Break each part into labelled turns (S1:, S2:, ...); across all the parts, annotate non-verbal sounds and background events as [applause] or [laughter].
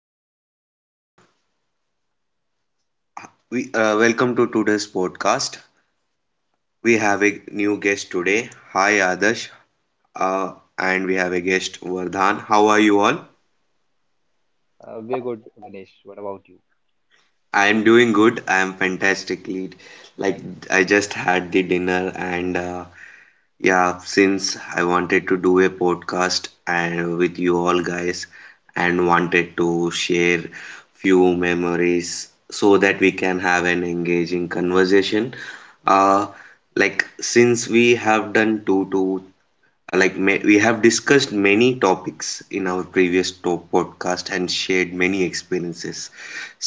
S1: good morning, everyone. We welcome to today's podcast. We have a new guest today. Hi, Adarsh, uh, and we have a guest, Vardhan. How are you all?
S2: We're good, Ganesh. What about you?
S1: I am doing good. I am fantastically. Like I just had the dinner, and Yeah, since I wanted to do a podcast and with you all guys and wanted to share few memories so that we can have an engaging conversation. Uh, like since we have done two to like ma we have discussed many topics in our previous to podcast and shared many experiences.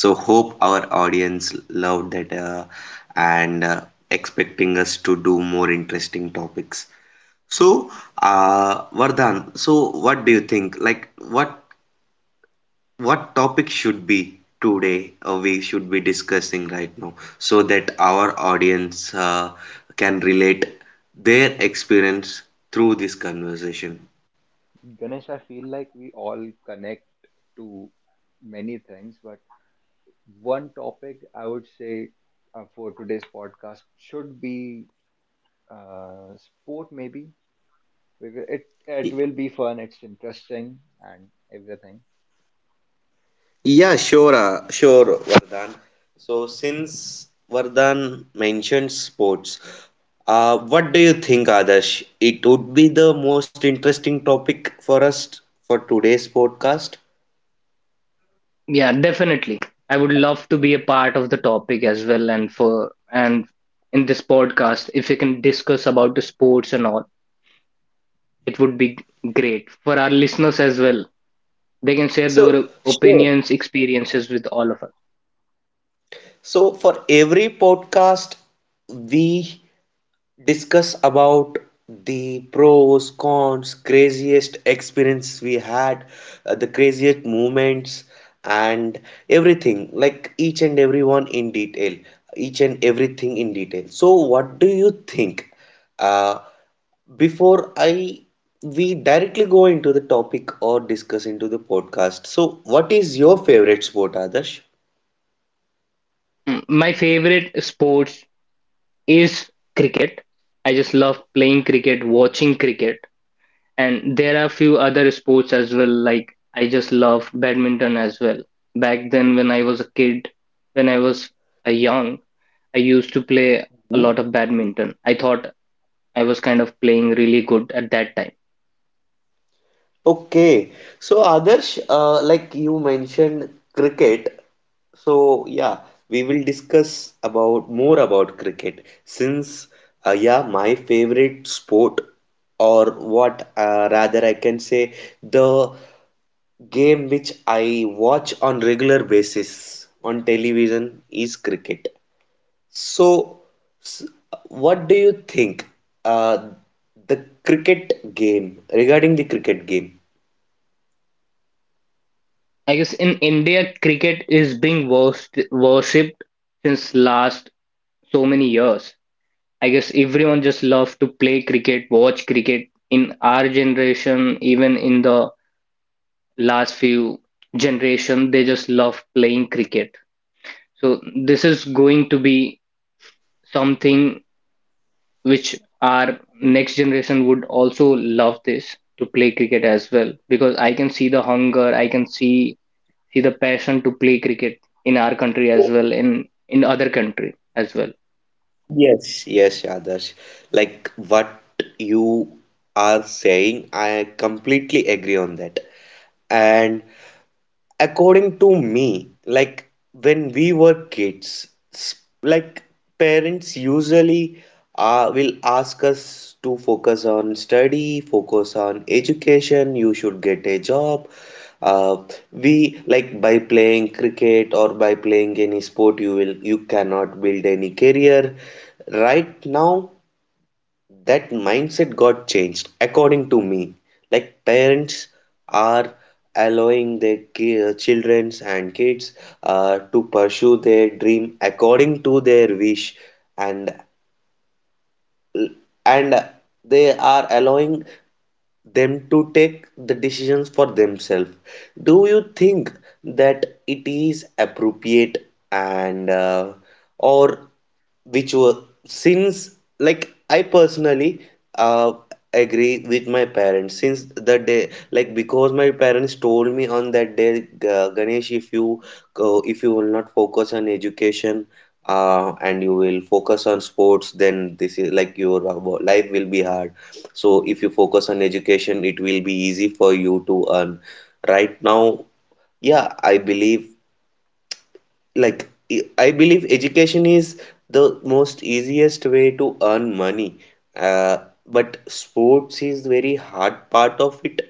S1: So hope our audience loved that and expecting us to do more interesting topics. So, Vardhan, so what do you think? Like, what topic should be today or we should be discussing right now so that our audience can relate their experience through this conversation?
S2: Ganesh, I feel like we all connect to many things, but one topic I would say for today's podcast should be uh, sport, maybe because it will be fun, it's interesting, and everything.
S1: Yeah, sure, sure, Vardhan. So, since Vardhan mentioned sports, what do you think, Adarsh? It would be the most interesting topic for us for today's podcast.
S3: Yeah, definitely. I would love to be a part of the topic as well and in this podcast if we can discuss about the sports and all, it would be great for our listeners as well. They can share
S1: So,
S3: their
S1: sure.
S3: opinions, experiences with all of us.
S1: So, for every podcast, we discuss about the pros, cons, craziest experience we had, the craziest moments, and everything, like each and every one in detail, each and everything in detail. So, what do you think? Uh, before I we directly go into the topic or discuss into the podcast. So, what is your favorite sport, Adarsh?
S3: My favorite sports is cricket. I just love playing cricket, watching cricket, and there are few other sports as well like I just love badminton as well. Back then when I was a kid, when I was a young I used to play a lot of badminton. I thought I was kind of playing really good at that time.
S1: Okay, so Adarsh, like you mentioned cricket, so yeah, we will discuss about more about cricket since yeah, my favorite sport or what rather I can say the game which I watch on regular basis on television is cricket. So, s- what do you think uh, the cricket game regarding the cricket game?
S3: I guess in India, cricket is being worshipped since last so many years. I guess everyone just loves to play cricket, watch cricket. In our generation, even in the last few generation, they just love playing cricket. So this is going to be something which our next generation would also love this to play cricket as well because I can see the hunger, I can see the passion to play cricket in our country as well in other country as well.
S1: Yes, yes, Adarsh. Like what you are saying, I completely agree on that. And according to me, like when we were kids, like parents usually will ask us to focus on study, focus on education, you should get a job. Uh, we like by playing cricket or by playing any sport, you cannot build any career. Right now, that mindset got changed according to me like parents are allowing their children and kids to pursue their dream according to their wish and and they are allowing them to take the decisions for themselves. Do you think that it is appropriate and or which were since Like I personally uh, agree with my parents since the day, like because my parents told me on that day, "Ga- ganesh if you go if you will not focus on education and you will focus on sports, then this is like your life will be hard. So if you focus on education, it will be easy for you to earn." Right now, yeah, I believe, I believe education is the most easiest way to earn money. Uh, but sports is very hard part of it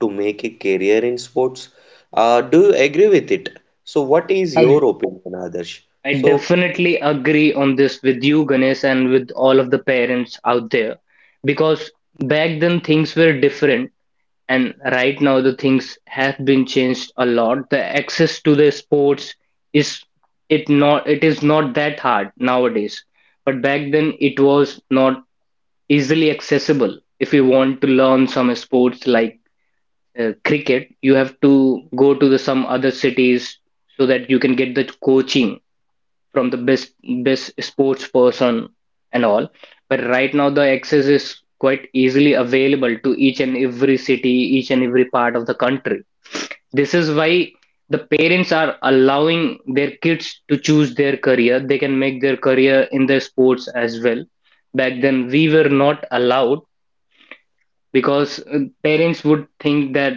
S1: to make a career in sports. Do you agree with it? So what is
S3: I,
S1: your opinion, Adarsh?
S3: I
S1: So
S3: definitely agree on this with you, Ganesh, and with all of the parents out there because back then things were different and right now the things have been changed a lot. The access to the sports is it is not that hard nowadays, but back then it was not easily accessible. If you want to learn some sports like cricket, you have to go to the some other cities so that you can get the coaching from the best sports person and all. But right now the access is quite easily available to each and every city, each and every part of the country. This is why the parents are allowing their kids to choose their career. They can make their career in their sports as well. Back then we were not allowed because parents would think that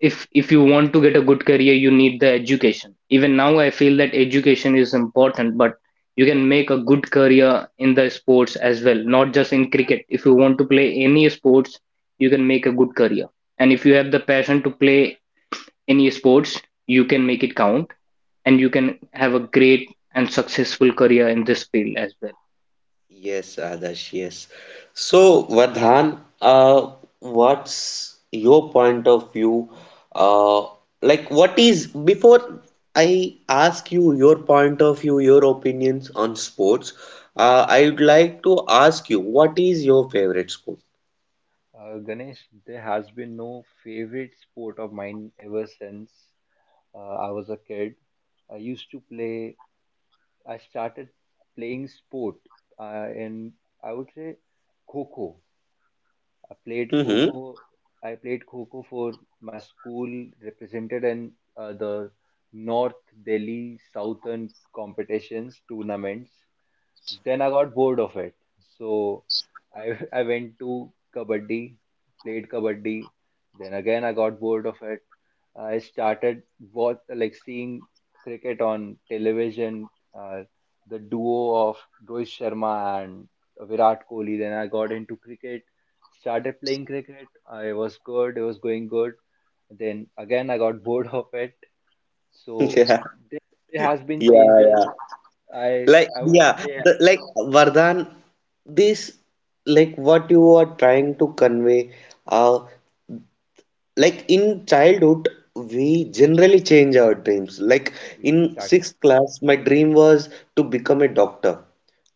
S3: if you want to get a good career, you need the education. Even now I feel that education is important, but you can make a good career in the sports as well, not just in cricket. If you want to play any sports, you can make a good career, and if you have the passion to play any sports, you can make it count and you can have a great and successful career in this field as well.
S1: yes, Adarsh, yes. So, Vardhan, what's your point of view? Uh, Before I ask you your point of view, your opinions on sports, I would like to ask you, what is your favorite sport?
S2: Ganesh, there has been no favorite sport of mine ever since I was a kid. I used to play I started playing sport, and I would say kho I played
S1: Mm-hmm.
S2: kho I played kho for my school, represented in the North Delhi Southern competitions tournaments. Then I got bored of it. So I [laughs] I went to kabaddi, played kabaddi. Then again I got bored of it. I started what like seeing cricket on television, uh, the duo of Rohit Sharma and Virat Kohli. Then I got into cricket, started playing cricket. I was good. It was going good. Then again I got [laughs] bored of it. So
S1: [laughs]
S2: there there has been
S1: Yeah, yeah,
S2: changes.
S1: yeah.
S2: I
S1: Like,
S2: I would say
S1: Vardhan, this like what you are trying to convey, uh like in childhood we generally change our dreams. Like in
S2: exactly.
S1: sixth class my dream was to become a doctor,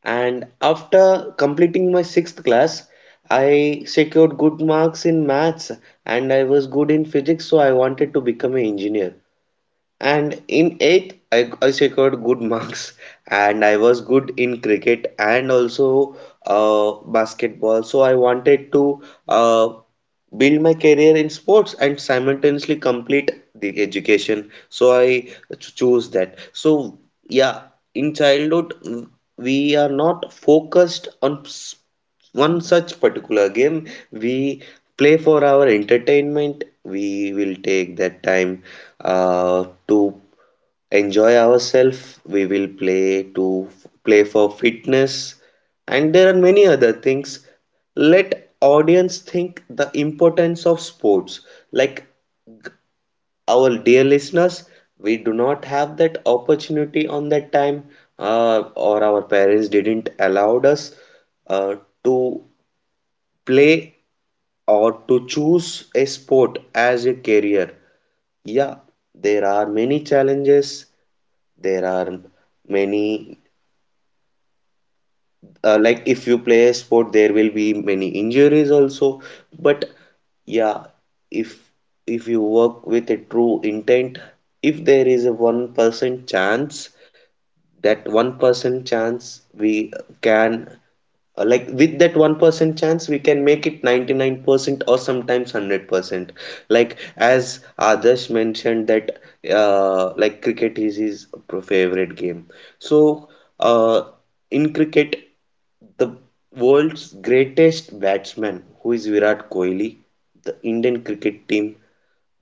S1: and after completing my sixth class I secured good marks in maths and I was good in physics, so I wanted to become an engineer. And in eighth I secured good [laughs] marks and I was good in cricket and also basketball, so I wanted to build my career in sports and simultaneously complete the education, so I choose that. So yeah, in childhood we are not focused on one such particular game. We play for our entertainment, we will take that time to enjoy ourselves. We will play for fitness, and there are many other things. Let audience think the importance of sports. Like our dear listeners, we do not have that opportunity on that time, or our parents didn't allow us uh, to play or to choose a sport as a career. Yeah, there are many challenges, there are many, like if you play a sport there will be many injuries also. But yeah, if if you work with a true intent, if there is a 1% chance, that 1% chance we can, like with that 1% chance we can make it 99% or sometimes 100%. Like as Adarsh mentioned that like cricket is his favorite game, so uh, in cricket the world's greatest batsman, who is Virat Kohli, the Indian cricket team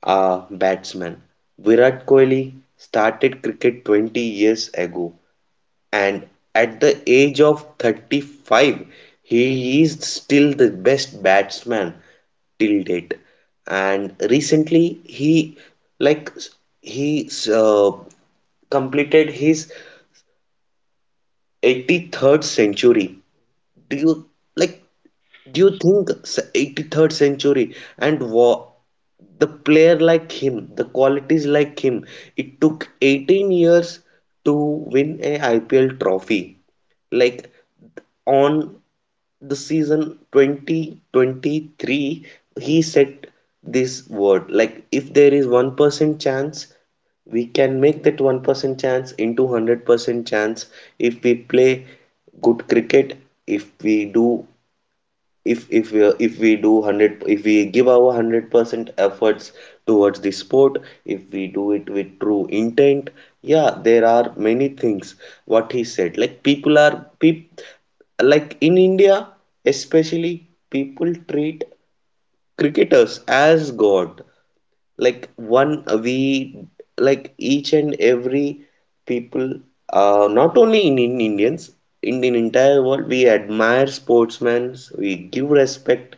S1: batsman, Virat Kohli started cricket 20 years ago, and at the age of 35, he is still the best batsman till date. And recently, like he completed his 83rd century. Do you like? Do you think 83rd century and wa the player like him, the qualities like him, it took 18 years to win a IPL trophy. Like on the season 2023, he said this word, like if there is 1% chance, we can make that 1% chance into 100% chance if we play good cricket, if we do, if we do 100 if we give our 100% efforts towards the sport, if we do it with true intent. Yeah, there are many things what he said. Like people are people, like in India, especially, people treat cricketers as God. Like one, we like Each and every people, not only in Indians, in the entire world, we admire sportsmen, we give respect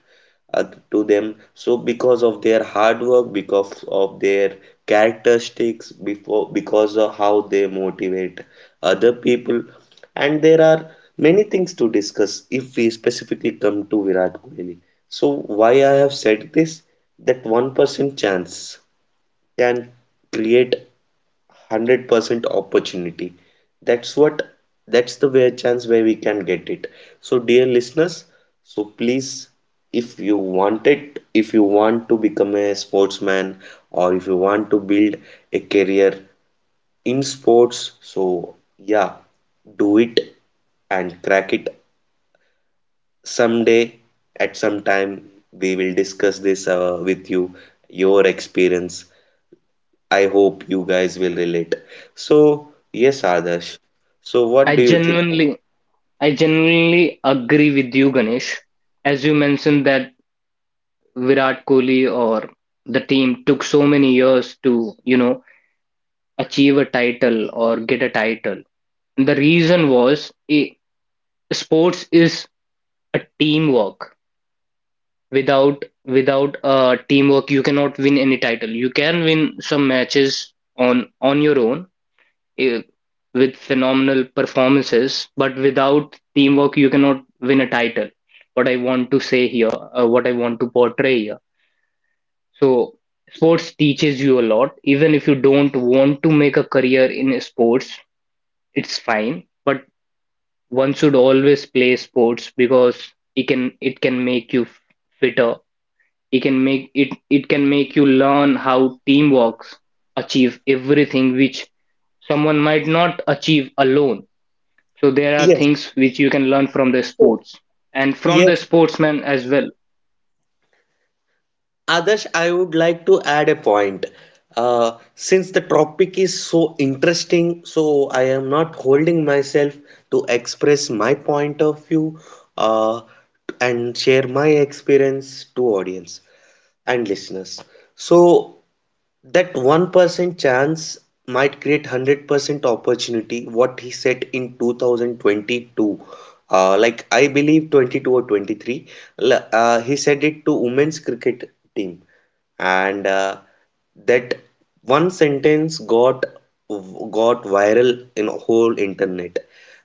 S1: uh, to them, so because of their hard work, because of their characteristics before, because of how they motivate other people. And there are many things to discuss if we specifically come to Virat Kohli. So why I have said this, that 1% chance can create 100% opportunity, that's what, that's the way chance where we can get it. So dear listeners, so please, if you want to become a sportsman, or if you want to build a career in sports, so yeah, do it and crack it someday. At some time we will discuss this with you, your experience. I hope you guys will relate. So, yes, Adarsh. So,
S3: i
S1: what do you think?
S3: genuinely I genuinely agree with you, Ganesh. As you mentioned that Virat Kohli or the team took so many years to, you know, achieve a title or get a title. The reason was I sports is a teamwork. Without teamwork, you cannot win any title. You can win some matches on your own, eh, with phenomenal performances, but without teamwork, you cannot win a title. What I want to say here, what I want to portray here. So sports teaches you a lot. Even if you don't want to make a career in sports, it's fine. But one should always play sports because it can make you fitter. It can make it it can make you learn how team works, achieve everything which someone might not achieve alone. So there are
S1: Yes.
S3: things which you can learn from the
S1: So,
S3: sports and from the
S1: yes,
S3: sportsman as well.
S1: Adarsh, I would like to add a point. Since the topic is so interesting, so I am not holding myself to express my point of view uh, and share my experience to audience and listeners. So, that 1% chance might create 100% opportunity, what he said in 2022. Like, I believe 22 or 23. He said it to women's cricket team. And that one sentence got viral in whole internet.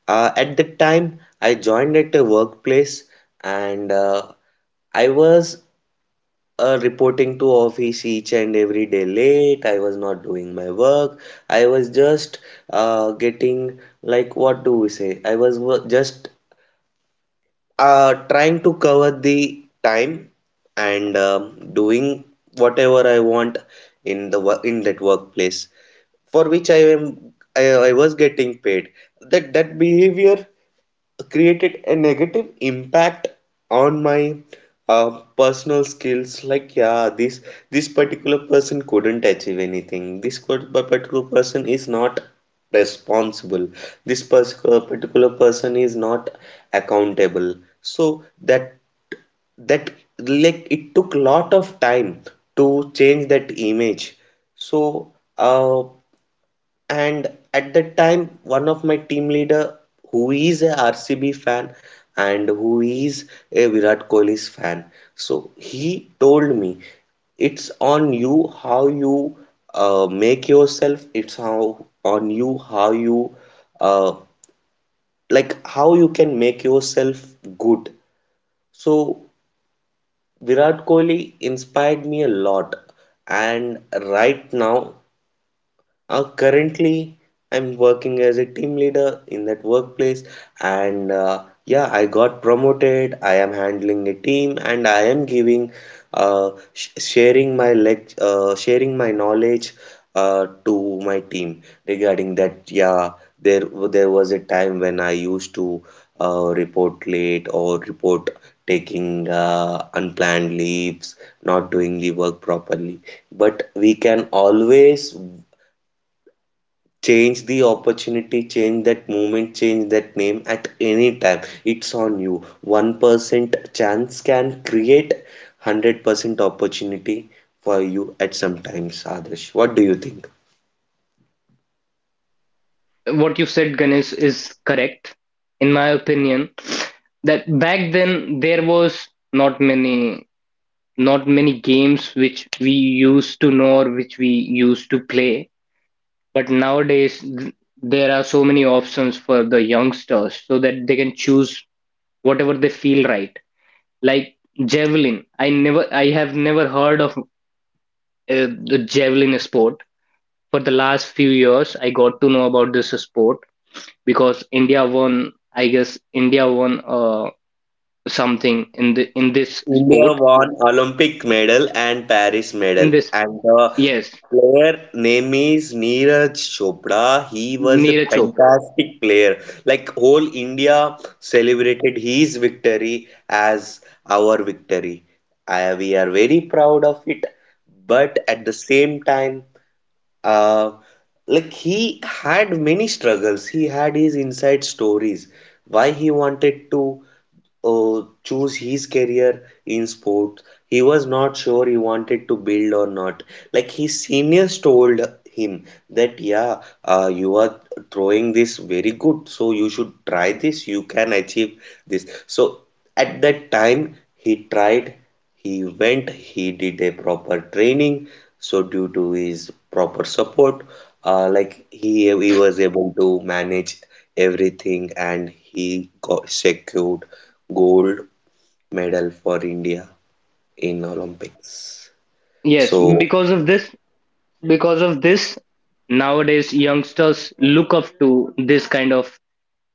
S1: At that time, I joined at a workplace and I was, reporting to office each and every day late. I was not doing my work. I was just, getting, like what do we say? I was just trying to cover the time and doing whatever I want in the in that workplace for which I was getting paid. That behavior created a negative impact on my personal skills, like yeah, this particular person couldn't achieve anything, this but particular person is not responsible, this particular person is not accountable. So that, that, like it took lot of time to change that image. So uh, and at that time, one of my team leader who is a RCB fan and who is a Virat Kohli's fan, so he told me, it's on you how you make yourself. It's how on you how you, uh, like how you can make yourself good. So Virat Kohli inspired me a lot, and right now, currently, I'm working as a team leader in that workplace, and yeah, I got promoted. I am handling a team, and I am giving, sh sharing my lec sharing my knowledge to my team regarding that. Yeah, there there was a time when I used to report late or report taking unplanned leaves, not doing the work properly. But we can always change the opportunity, change that moment, change that name at any time. It's on you. 1% chance can create 100% opportunity for you at some times. Adarsh, what do you think?
S3: What you said, Ganesh, is correct, in my opinion. That back then there was not many games which we used to know or which we used to play. But nowadays there are so many options for the youngsters so that they can choose whatever they feel right. Like javelin, I have never heard of the javelin sport. For the last few years, I got to know about this sport because India won, I guess India won something in the in this
S1: India
S3: sport.
S1: won Olympic medal and Paris
S3: In
S1: medal.
S3: this,
S1: And the
S3: yes,
S1: player name is Neeraj Chopra. He was a
S3: Neeraj Chopra.
S1: fantastic player. Like whole India celebrated his victory as our victory. We are very proud of it. But at the same time, uh, like he had many struggles. He had his inside stories. Why he wanted to choose his career in sports. He was not sure he wanted to build or not. Like his seniors told him that, yeah, you are throwing this very good, so you should try this, you can achieve this. So at that time he tried, he went, he did a proper training. So due to his proper support, like he was able to manage everything and he got secured gold medal for India in Olympics.
S3: Yes,
S1: So
S3: because of this, nowadays youngsters look up to this kind of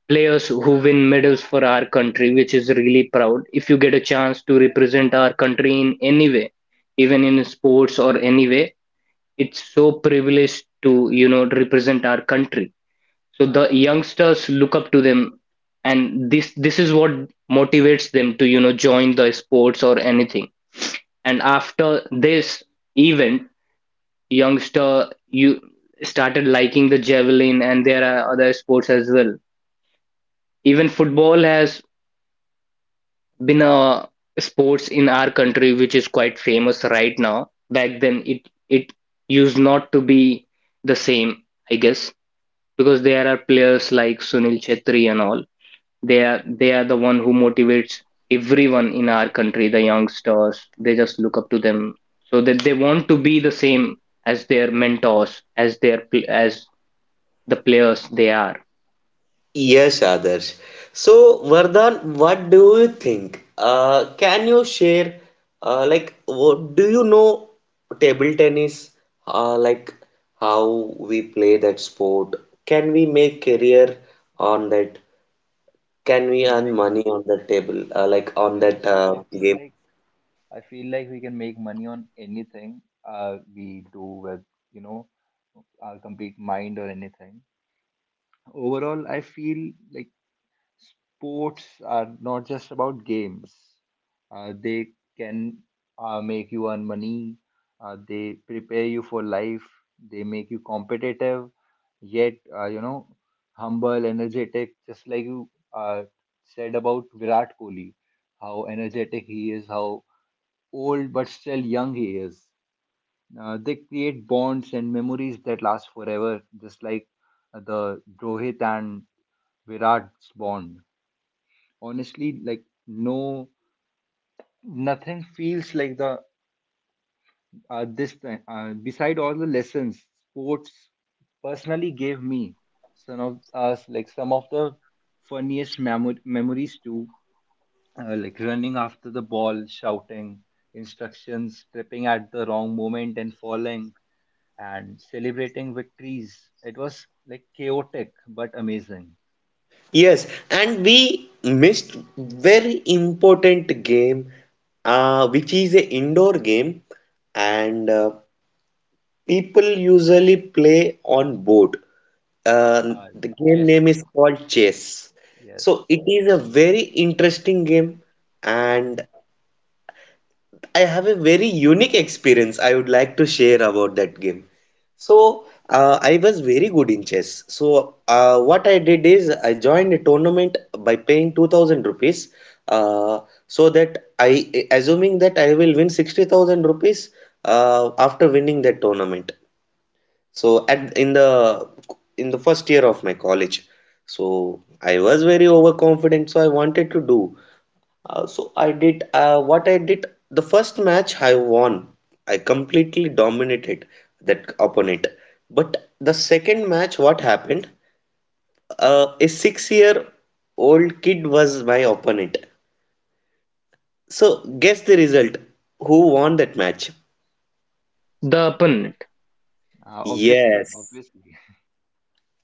S3: players who win medals for our country, which is really proud. If you get a chance to represent our country in any way, even in sports or any way, it's so privileged to, you know, represent our country. So the youngsters look up to them, and this is what motivates them to, you know, join the sports or anything. And after this event, youngster you started liking the javelin, and there are other sports as well. Even football has been a sports in our country which is quite famous right now. Back then, it used not to be the same, I guess, because there are players like Sunil Chhetri and all. They are the one who motivates everyone in our country, the youngsters. They just look up to them so that they want to be the same as their mentors, as their as the players they are.
S1: yes, Adarsh. So, Vardhan, what do you think? Can you share, like, what, do you know table tennis? Like, how we play that sport? Can we make career on that? Can we earn
S2: Ganesh,
S1: money on that table, like on that
S2: Ganesh,
S1: game?
S2: I feel like we can make money on anything we do with, you know, our complete mind or anything. Overall, I feel like sports are not just about games. They can make you earn money. They prepare you for life. They make you competitive, yet you know, humble, energetic. Just like you uh, said about Virat Kohli, how energetic he is, how old but still young he is. They create bonds and memories that last forever, just like the Rohit and Virat's bond honestly, like nothing feels like the this time beside all the lessons sports personally gave me. Some of the funniest memories too, like running after the ball, shouting instructions, tripping at the wrong moment and falling and celebrating victories. It was like chaotic but amazing.
S1: Yes, and we missed very important game, which is a indoor game, and people usually play on board.
S2: uh,
S1: The game
S2: Chess,
S1: name is called chess. So it
S2: yes.
S1: is a very interesting game, and I have a very unique experience I would like to share about that game. So I was very good in chess. So what I did is I joined a tournament by paying 2000 rupees. Uh, so that I, assuming that I will win 60,000 rupees after winning that tournament. So at in the first year of my college, so I was very overconfident, so I wanted to do. So I did, what I did. The first match I won. I completely dominated that opponent. But the second match, what happened? A six-year-old kid was my opponent. So guess the result. Who won that match?
S3: The opponent.
S2: Obviously,
S1: Yes.
S2: obviously.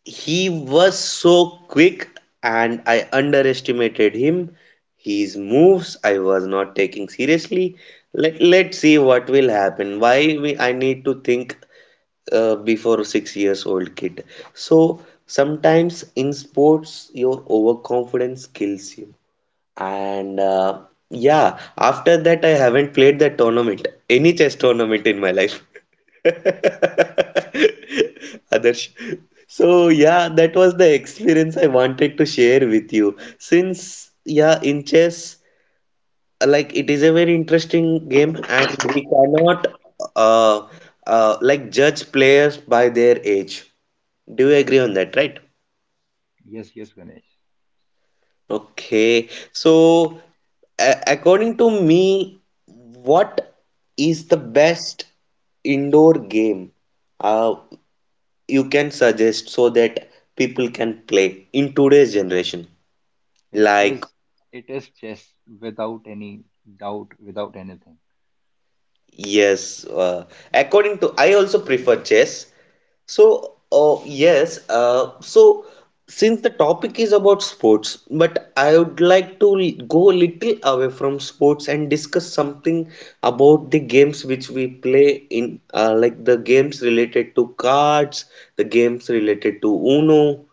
S1: He was so quick and I underestimated him. His moves I was not taking seriously. Let's see what will happen. I need to think before 6 years old kid. So sometimes in sports, your overconfidence kills you. And yeah, after that, I haven't played that tournament, any chess tournament in my life. [laughs] Adarsh. So yeah, that was the experience I wanted to share with you. Since yeah, in chess, like it is a very interesting game, and we cannot uh, like judge players by their age. Do you agree on that, right?
S2: [laughs] Yes, yes, Ganesh.
S1: Okay, so according to me, what is the best indoor game uh, you can suggest so that people can play in today's generation?
S2: It
S1: Like
S2: is, it is chess without any doubt, without anything.
S1: yes, according to I also prefer chess. So, yes, so since the topic is about sports, but I would like to go a little away from sports and discuss something about the games which we play in, like the games related to cards, the games related to Uno.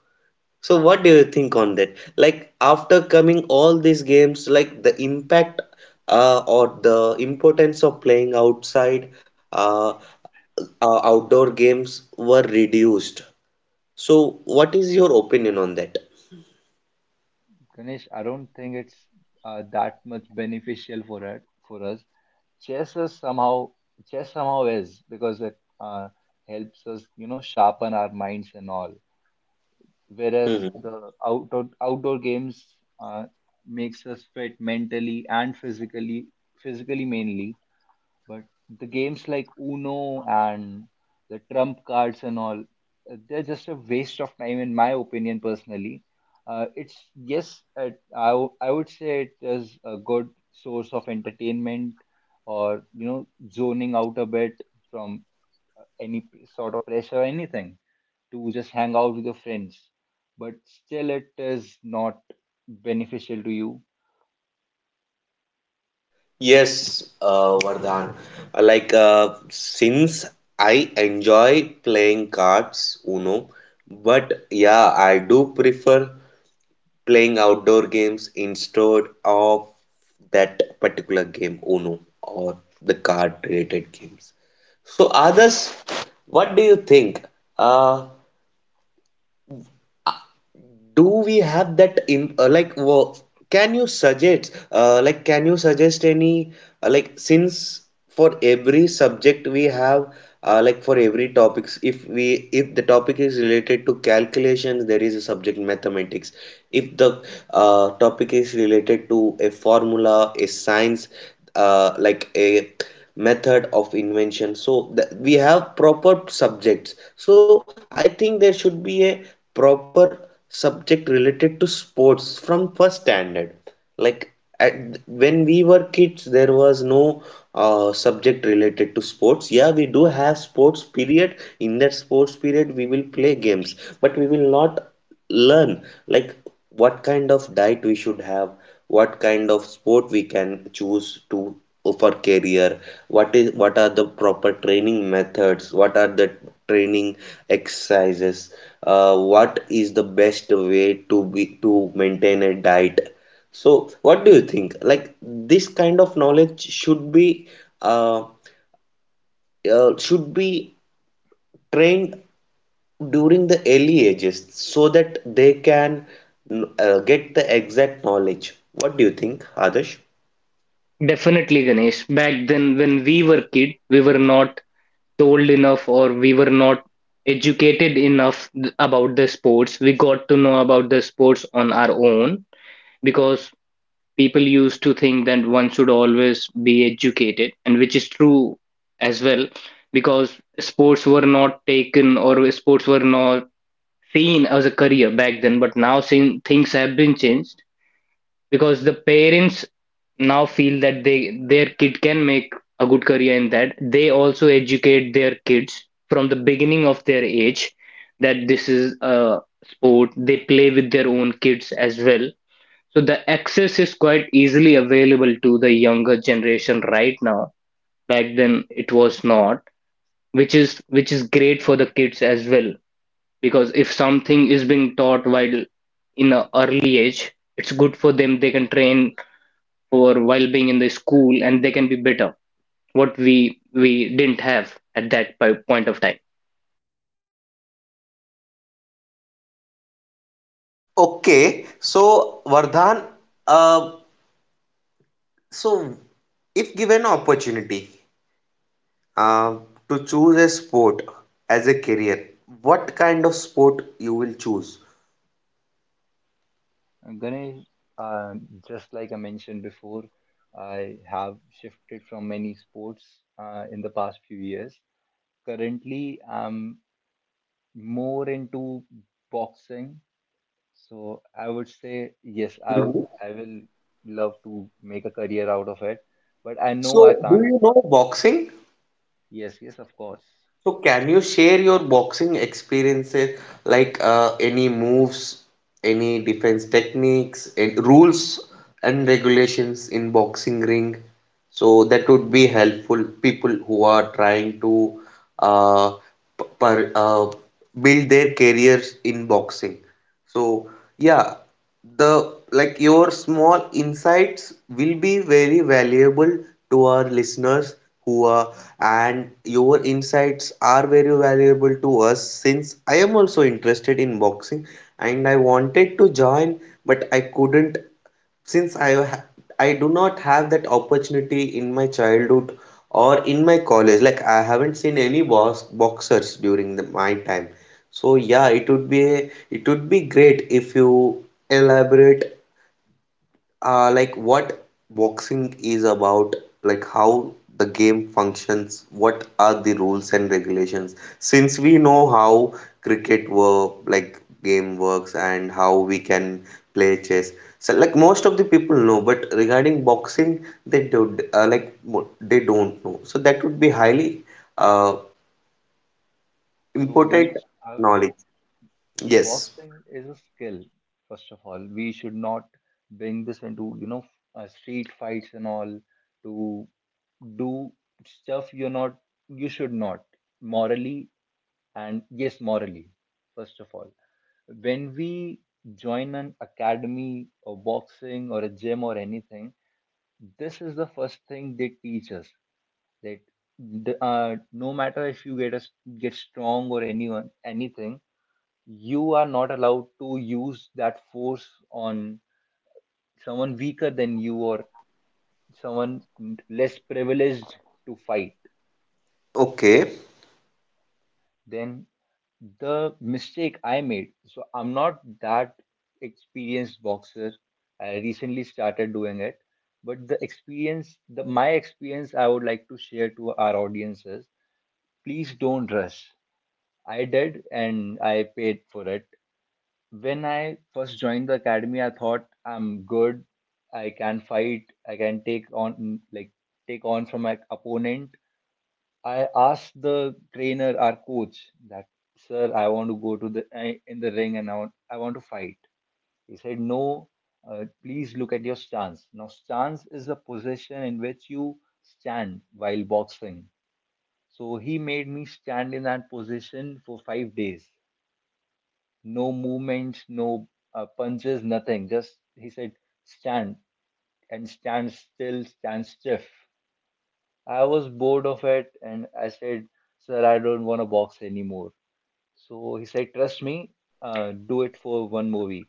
S1: So what do you think on that? Like after coming all these games, like the impact or the importance of playing outside, uh, outdoor games were reduced. So what is your opinion on that?
S2: Ganesh, I don't think it's that much beneficial for us. Chess is somehow, chess somehow is, because it helps us, you know, sharpen our minds and all. Whereas
S1: Hmm.
S2: the outdoor games makes us fit mentally and physically, physically mainly. But the games like Uno and the trump cards and all, they're just a waste of time, in my opinion, personally. It's yes, I would say it is a good source of entertainment, or you know, zoning out a bit from any sort of pressure or anything, to just hang out with your friends. But still, it is not beneficial to you.
S1: Yes, Vardhan. Like since I enjoy playing cards, Uno, but yeah, I do prefer playing outdoor games instead of that particular game Uno or the card related games. So, others, what do you think? Uh, do we have that in like can you suggest, like can you suggest any, like, since for every subject we have, like, for every topics, if we, if the topic is related to calculations, there is a subject mathematics. If the topic is related to a formula, a science, like a method of invention, so that we have proper subjects. So I think there should be a proper subject related to sports from first standard. Like at, when we were kids, there was no subject related to sports. Yeah, we do have sports period. In that sports period, we will play games, but we will not learn like what kind of diet we should have, what kind of sport we can choose to for career, what is what are the proper training methods, what are the training exercises, what is the best way to be to maintain a diet. So what do you think, like this kind of knowledge uh, should be trained during the early ages so that they can get the exact knowledge. What do you think, Adesh?
S3: Definitely, Ganesh. Back then, when we were kid, we were not told enough or we were not educated enough about the sports. We got to know about the sports on our own because people used to think that one should always be educated, and which is true as well, because sports were not taken or sports were not seen as a career back then. But now, since things have been changed, because the parents now feel that they their kid can make a good career in that, they also educate their kids from the beginning of their age that this is a sport. They play with their own kids as well, so the access is quite easily available to the younger generation right now. Back then it was not, which is great for the kids as well. Because if something is being taught while in an early age, it's good for them. They can train for while being in the school and they can be better. What we didn't have at that point of time.
S1: Okay, so Vardhan, uh, so if given opportunity uh, to choose a sport as a career, what kind of sport you will choose?
S2: Ganesh, uh, just like I mentioned before, I have shifted from many sports in the past few years. Currently, I'm more into boxing. So I would say, yes,
S1: Mhm.
S2: I will love to make a career out of it. But I know I
S1: So, do
S2: can't.
S1: you know boxing?
S2: Yes, yes, of course.
S1: So can you share your boxing experiences, like any moves, any defense techniques, and rules and regulations in boxing ring? So that would be helpful people who are trying to uh, p- per, uh, build their careers in boxing. So yeah, the like your small insights will be very valuable to our listeners who are, and your insights are very valuable to us, since I am also interested in boxing and I wanted to join but I couldn't, since I do not have that opportunity in my childhood or in my college, like I haven't seen any boxers during the, my time. So yeah, it would be a, it would be great if you elaborate, like what boxing is about, like how the game functions, what are the rules and regulations. Since we know how cricket work, like game works, and how we can play chess. So like most of the people know, but regarding boxing, they do, like they don't know. So that would be highly uh,
S2: So,
S1: important
S2: Ganesh, I would say
S1: knowledge. Yes.
S2: boxing is a skill. First of all, we should not bring this into, you know, street fights and all, to do stuff you're not, you should not, morally. And yes, morally, first of all, when we join an academy or boxing or a gym or anything, this is the first thing they teach us: that no matter if get strong or anyone anything, you are not allowed to use that force on someone weaker than you, or someone less privileged, to fight.
S1: Okay.
S2: Then the mistake I made, so I'm not that experienced boxer, I recently started doing it, but the experience the my experience I would like to share to our audiences: please don't rush. I did and I paid for it. When I first joined the academy, I thought I'm good. I can fight. I can take on from my opponent. I asked the trainer, our coach, that sir, I want to go to in the ring and I want to fight. He said, no. Please look at your stance. Now, stance is a position in which you stand while boxing. So he made me stand in that position for 5 days, no movement, no punches, nothing. Just he said, stand and stand still, stand stiff. I was bored of it and I said, sir, I don't want to box anymore. So he said, trust me, do it for one more week.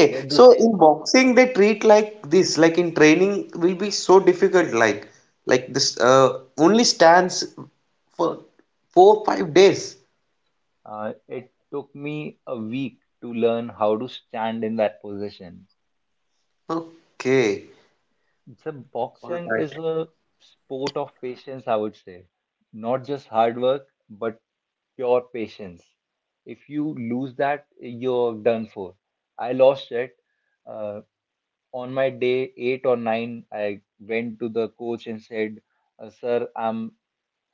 S2: I did the
S1: so in
S2: same.
S1: boxing they treat like this, like in training will be so difficult, like this, only stands for 4 5 days.
S2: It took me a week to learn how to stand in that position.
S1: Okay,
S2: So boxing is a sport of patience, I would say. Not just hard work, but pure patience. If you lose that, you're done for. I lost it. Uh, on my day eight or nine, I went to the coach and said, "Sir,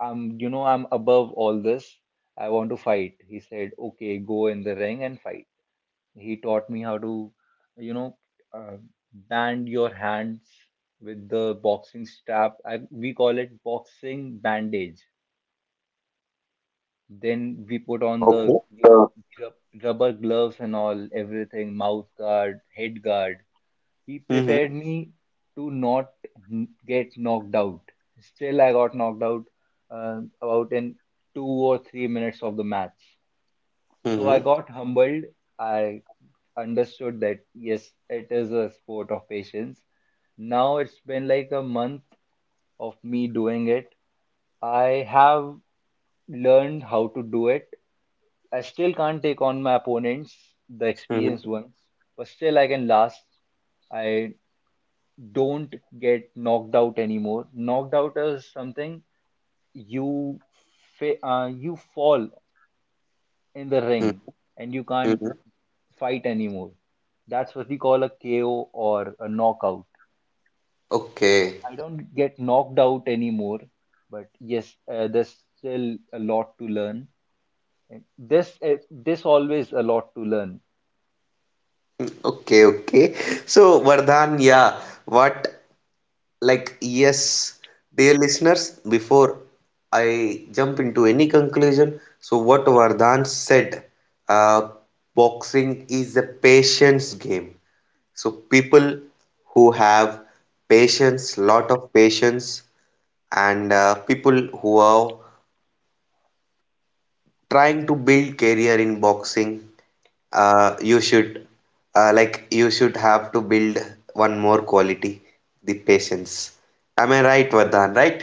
S2: I'm, you know, I'm above all this. I want to fight." He said, "Okay, go in the ring and fight." He taught me how to, you know, uh, band your hands with the boxing strap. We call it boxing bandage. Then
S1: okay,
S2: we put on the,
S1: okay.
S2: you know, rubber gloves and all, everything, mouth guard, head guard. He
S1: Mm-hmm.
S2: prepared me to not get knocked out. Still, I got knocked out about in 2 or 3 minutes of the match. So I
S1: Mm-hmm.
S2: got humbled. I understood that yes, it is a sport of patience. Now it's been like a month of me doing it. I have learned how to do it. I still can't take on my opponents, the
S1: Mm-hmm.
S2: experienced ones, but still I can last. I don't get knocked out anymore. Knocked out is something you you fall in the ring and you can't
S1: Mm-hmm.
S2: fight anymore. That's what we call a KO or a knockout. So
S1: Okay.
S2: I don't get knocked out anymore. But yes, there's still a lot to learn. And this this always a lot to learn.
S1: Okay. Okay. So Vardhan, yeah. What? Like, yes, dear listeners, before I jump into any conclusion, so what Vardhan said, uh, boxing is a patience game. So people who have patience, lot of patience, and people who are trying to build career in boxing, you should like you should have to build one more quality, the patience. Am I right, Vardhan? Right?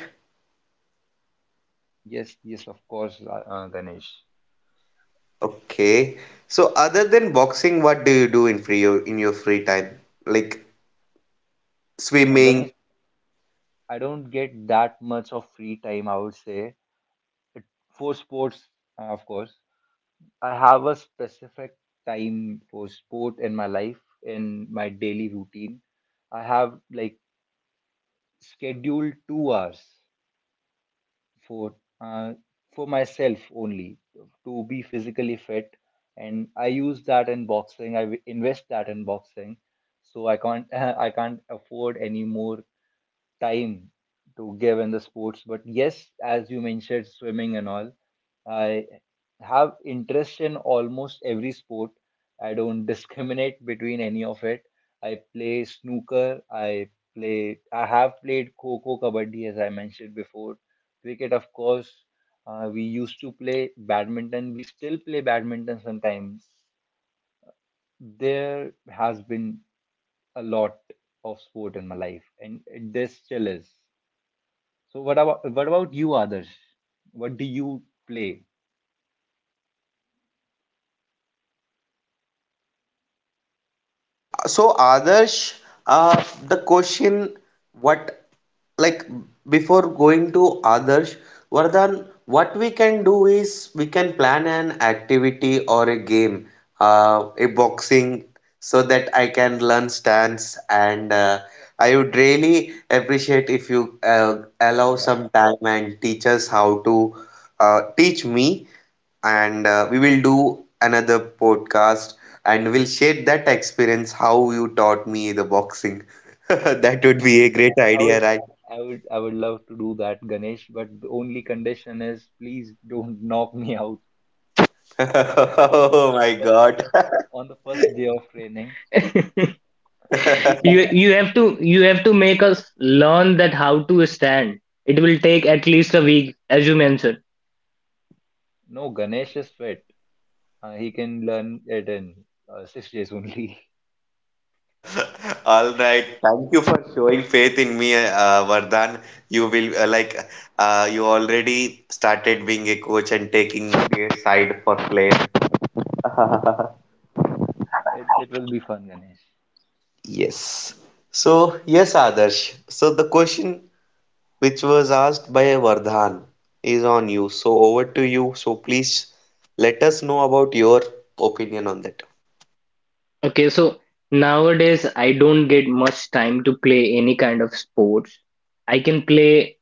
S2: Yes, yes, of course, Ganesh.
S1: Okay. So other than boxing, what do you do in free your in your free time? Like
S2: Ganesh,
S1: swimming.
S2: I don't get that much of free time, I would say. It, for sports, of course. I have a specific time for sport in my life, in my daily routine. I have like scheduled 2 hours for uh, for myself only, to be physically fit, and I use that in boxing. Invest that in boxing, so I can't [laughs] I can't afford any more time to give in the sports. But yes, as you mentioned, swimming and all, I have interest in almost every sport. I don't [laughs] discriminate between any of it. I play snooker. I have played kho-kho, kabaddi, as I mentioned before. Cricket, of course. We used to play badminton. We still play badminton sometimes. There has been a lot of sport in my life, and there still is. So what about you, Adarsh? What do you play?
S1: So Adarsh, the question what like before going to Adarsh, Vardhan, what we can do is we can plan an activity or a game, a boxing, so that I can learn stance, and I would really appreciate if you allow
S2: Yeah,
S1: some time and teach us how to, teach me, and we will do another podcast and we'll share that experience how you taught me the boxing. [laughs] That would
S2: yeah.
S1: be a great
S2: I
S1: idea,
S2: would,
S1: right?
S2: I would love to do that, Ganesh. But the only condition is, please don't [laughs] knock me out
S1: [laughs]
S2: on
S1: Oh
S2: on the
S1: my
S2: fir- on
S1: God.
S2: the
S1: [laughs]
S2: on the first day of training.
S3: [laughs]
S2: We
S3: You have to you have to make us learn that how to stand. It will take at least a week, as you mentioned.
S2: no, Ganesh is fit. He can learn it in 6 days only. [laughs]
S1: All right. Thank you for showing faith in me, Vardhan. You will like you already started being a coach and taking a side for players. [laughs]
S2: It will be fun, Ganesh.
S1: Yes. So, yes, Adarsh. So the question which was asked by Vardhan, is on you. So over to you. So please let us know about your opinion on that.
S3: Okay, so nowadays I don't get much time to play any kind of sports. I can play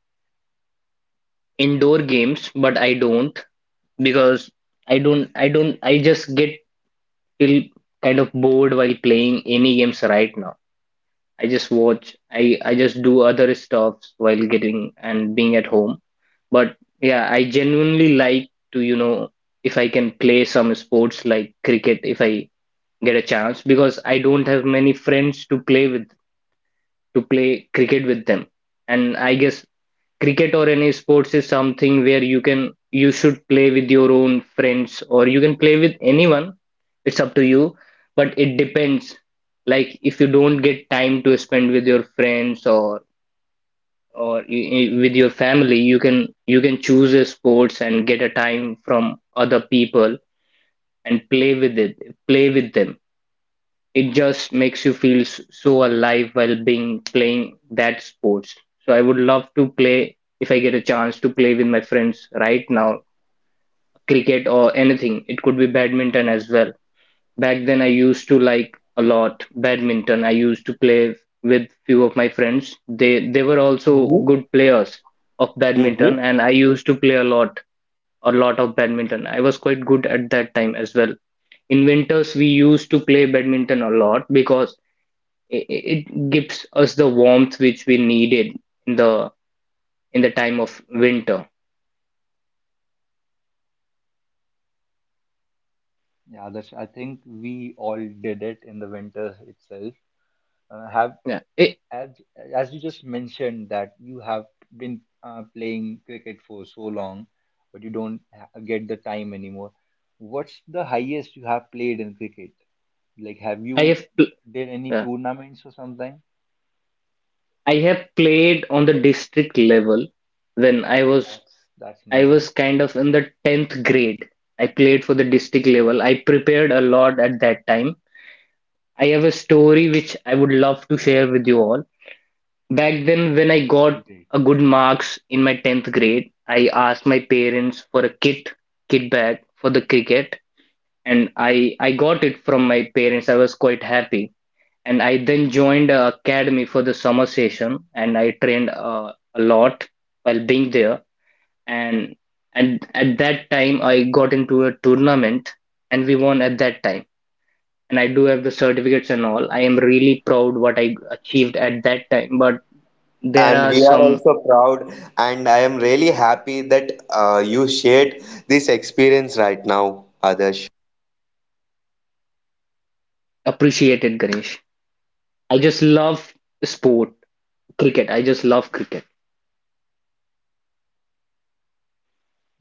S3: indoor games, but I don't because I don't, I don't, I just get feel kind of bored while playing any games right now. I just I just do other stuff while getting and being at home. But yeah, I genuinely like to, you know, if I can play some sports like cricket, if I get a chance, because I don't have many friends to play with to play cricket with them. And I guess cricket or any sports is something where you should play with your own friends or you can play with anyone. It's up to you, but it depends. Like if you don't get time to spend with your friends or with your family, you can choose a sports and get a time from other people and play with it, play with them. It just makes you feel so alive while being playing that sports. So I would love to play if I get a chance to play with my friends right now, cricket or anything. It could be badminton as well. Back then I used to like a lot badminton. I used to play with few of my friends. They were also
S1: Mhm.
S3: good players of
S1: Hmm.
S3: badminton and I used to play a lot of badminton. I was quite good at that time as well. In winters, we used to play badminton a lot because it, it gives us the warmth which we needed in the in the time of winter.
S2: Yeah, Adarsh. I think we all did it in the winter itself. Have
S3: Yeah,
S2: as as you just mentioned that you have been playing cricket for so long, but you don't get the time anymore. What's the highest you have played in cricket? Like, have
S3: I
S2: you
S3: have pl-
S2: did any
S3: yeah.
S2: tournaments or something?
S3: I have played on the district level when
S2: That's
S3: I
S2: amazing.
S3: was kind of in the 10th grade. I played for the district level. I prepared a lot at that time. I have a story which I would love to share with you all.
S2: Yeah,
S3: Back then,
S2: that
S3: when I
S2: would be
S3: got
S2: great.
S3: a good marks in my 10th grade, I asked my parents for a kit bag for the cricket and I got it from my parents. I was quite happy, and I then joined a academy for the summer session, and I trained a lot while being there. And and at that time, I got into a tournament, and we won at that time. And I do have the certificates and all. I am really proud what I achieved at that time. But there
S1: And
S3: are
S1: we are
S3: some
S1: also proud, and I am really happy that you shared this experience right now, Adarsh.
S3: appreciated, Ganesh. I just love sport, cricket. I just love cricket.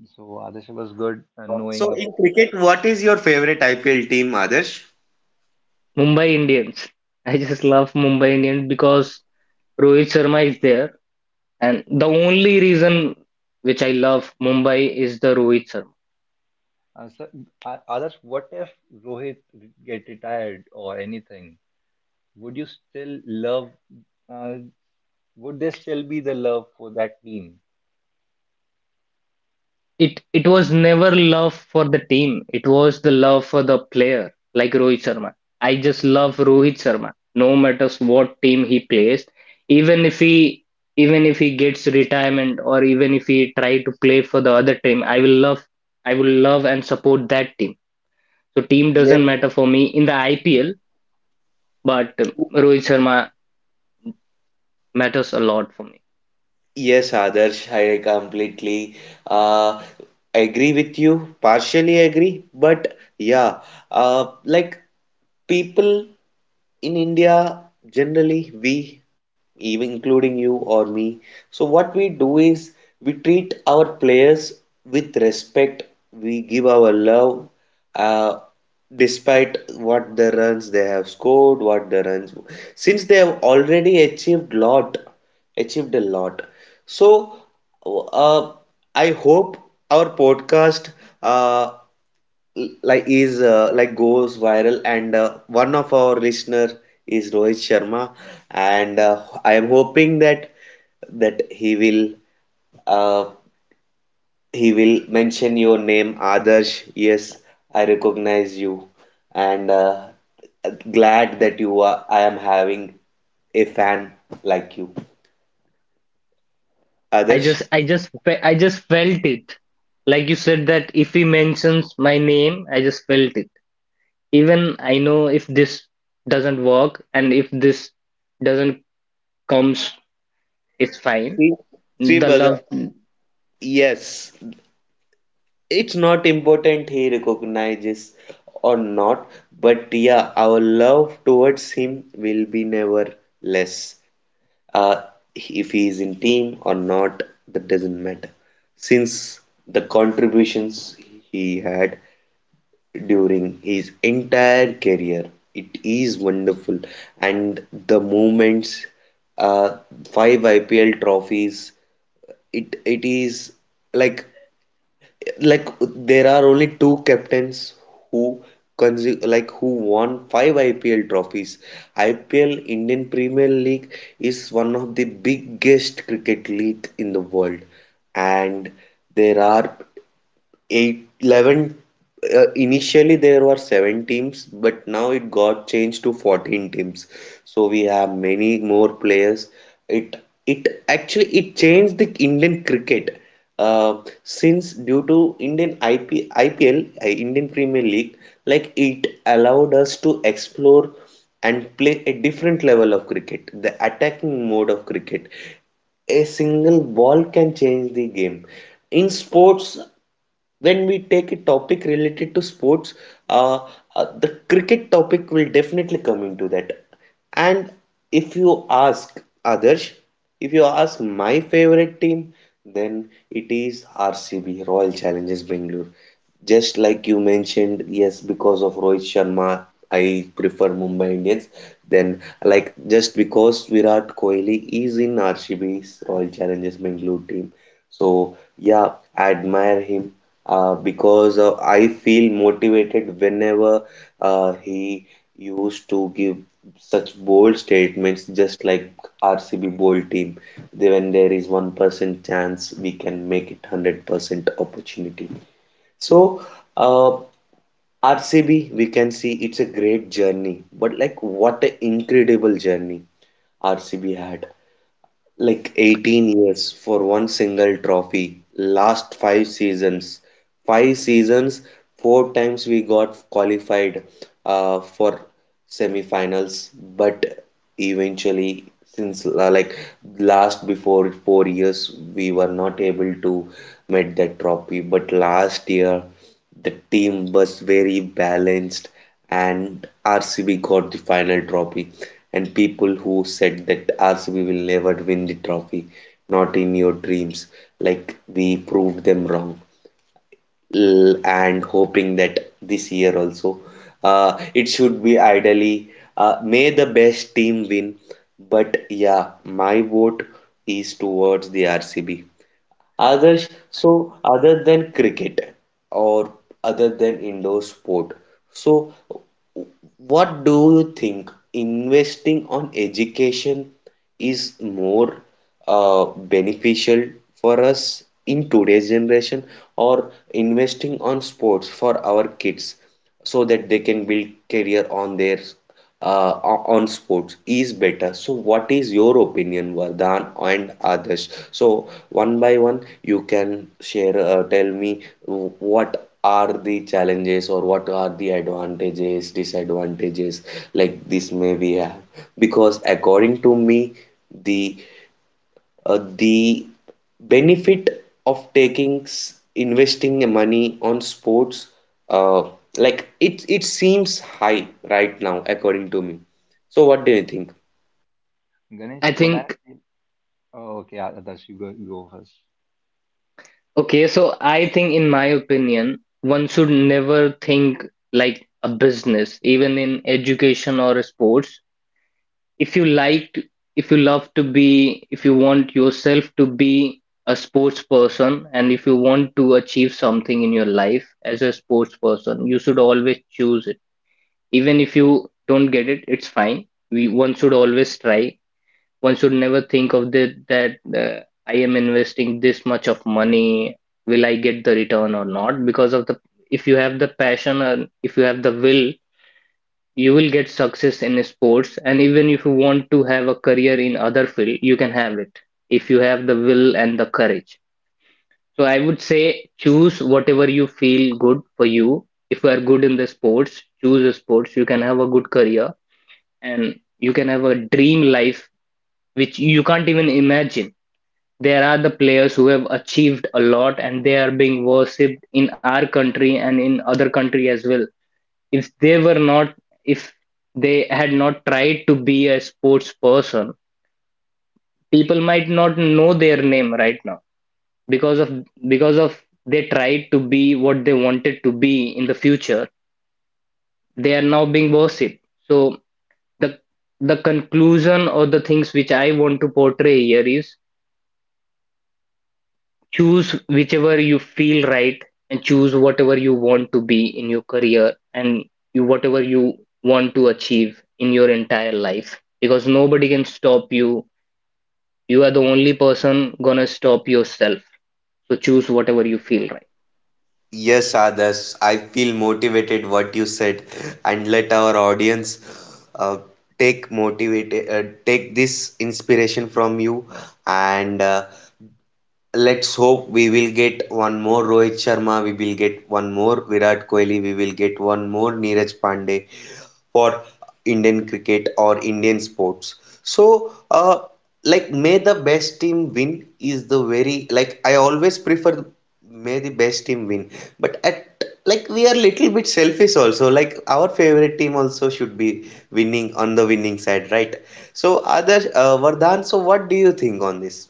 S2: So Adarsh, it was good knowing
S1: So,
S2: about.
S1: in cricket, what is your favorite IPL team, Adarsh?
S3: Mumbai Indians. I just love Mumbai Indians because Rohit Sharma is there, and the only reason which I love Mumbai is the Rohit Sharma.
S2: Uh, so Adarsh, what if Rohit get retired or anything? Would you still love? Uh, would there still be the love for that team?
S3: It was never love for the team. It was the love for the player, like Rohit Sharma. I just love Rohit Sharma, no matters what team he plays, even if he even if he gets retirement or even if he try to play for the other team, I will love and support that team. So team
S1: Yes,
S3: doesn't matter for me in the IPL. But Rohit Sharma matters a lot for me.
S1: yes, Adarsh, I completely uh, agree with you, partially agree, but yeah, like people in India, generally, we, even including you or me, so what we do is we treat our players with respect, we give our love, uh, despite what the runs they have scored, what the runs, since they have already achieved lot, achieved a lot. So, uh, I hope our podcast uh, like is like goes viral and one of our listener is Rohit Sharma, and I am hoping that that he will uh, he will mention your name, Adarsh. Yes, I recognize you, and glad that you are I am having a fan like you, Adarsh.
S3: I just felt it. Like you said that if he mentions my name, I just felt it. Even I know if this doesn't work and if this doesn't comes, it's fine.
S1: Sri Sri
S3: The
S1: Bada,
S3: love,
S1: yes, it's not important he recognizes or not, but yeah, our love towards him will be never less. Uh, if he is in team or not, that doesn't matter, since the contributions he had during his entire career, it is wonderful, and the moments, uh, five IPL trophies, it is like like there are only two captains who like who won five IPL trophies. IPL Indian Premier League, is one of the biggest cricket league in the world. And there are eight, 11, initially there were seven teams, but now it got changed to 14 teams, so we have many more players. It it actually it changed the Indian cricket, uh, since due to Indian IP, IPL, Indian Premier League, like it allowed us to explore and play a different level of cricket, the attacking mode of cricket. A single ball can change the game. In sports, when we take a topic related to sports, uh, the cricket topic will definitely come into that. And if you ask others, if you ask my favorite team, then it is RCB, Royal Challengers Bangalore. Just like you mentioned, yes, because of Rohit Sharma I prefer Mumbai Indians. Then like just because Virat Kohli is in RCB's Royal Challengers Bangalore team, so yeah, I admire him, because I feel motivated whenever he used to give such bold statements, just like RCB bold team. They, when there is 1% chance, we can make it 100% opportunity. So uh, RCB, we can see it's a great journey, but like what an incredible journey RCB had. Like 18 years for one single trophy. Last five seasons. Five seasons, four times we got qualified for semifinals. But eventually, since like last before 4 years, we were not able to met that trophy. But last year, the team was very balanced, and RCB got the final trophy. And people who said that RCB will never win the trophy, not in your dreams, like we proved them wrong. And hoping that this year also, it should be ideally, may the best team win. But yeah, my vote is towards the RCB. Others, so other than cricket or other than indoor sport, so what do you think, investing on education is more beneficial for us in today's generation, or investing on sports for our kids so that they can build career on their uh, on sports is better. So, what is your opinion, Vardhan and Adarsh? So, one by one, you can share, tell me what are the challenges or what are the advantages, disadvantages like this may we have. Because according to me, the the benefit of taking investing money on sports, uh, like it seems high right now according to me. So what do you think?
S2: Ganesh,
S3: I
S2: what I
S3: think.
S2: think- oh, okay, Adarsh, you go, go first.
S3: Okay, so I think in my opinion, one should never think like a business, even in education or sports. if you like if you love to be if you want yourself to be a sports person and if you want to achieve something in your life as a sports person, you should always choose it. Even if you don't get it, it's fine. We One should always try. One should never think of that, uh, I am investing this much of money, will I get the return or not? Because of the, if you have the passion and if you have the will, you will get success in sports. And even if you want to have a career in other field, you can have it if you have the will and the courage. So I would say choose whatever you feel good for you. If you are good in the sports, choose a sports. You can have a good career and you can have a dream life which you can't even imagine. There are the players who have achieved a lot and they are being worshipped in our country and in other country as well. if they were not if they had not tried to be a sports person, people might not know their name right now. because of because of, they tried to be what they wanted to be in the future, they are now being worshipped. So the the conclusion or the things which I want to portray here is, choose whichever you feel right and choose whatever you want to be in your career and you whatever you want to achieve in your entire life, because nobody can stop you. You are the only person gonna stop yourself. So choose whatever you feel right.
S1: Yes, Adas, I feel motivated what you said, and let our audience uh, take this inspiration from you, and let's hope we will get one more Rohit Sharma, we will get one more Virat Kohli, we will get one more Neeraj Pandey for Indian cricket or Indian sports. So, like, may the best team win is the very like I always prefer may the best team win, but at like we are little bit selfish also. Like our favorite team also should be winning on the winning side, right? So, other Vardhan, so what do you think on this?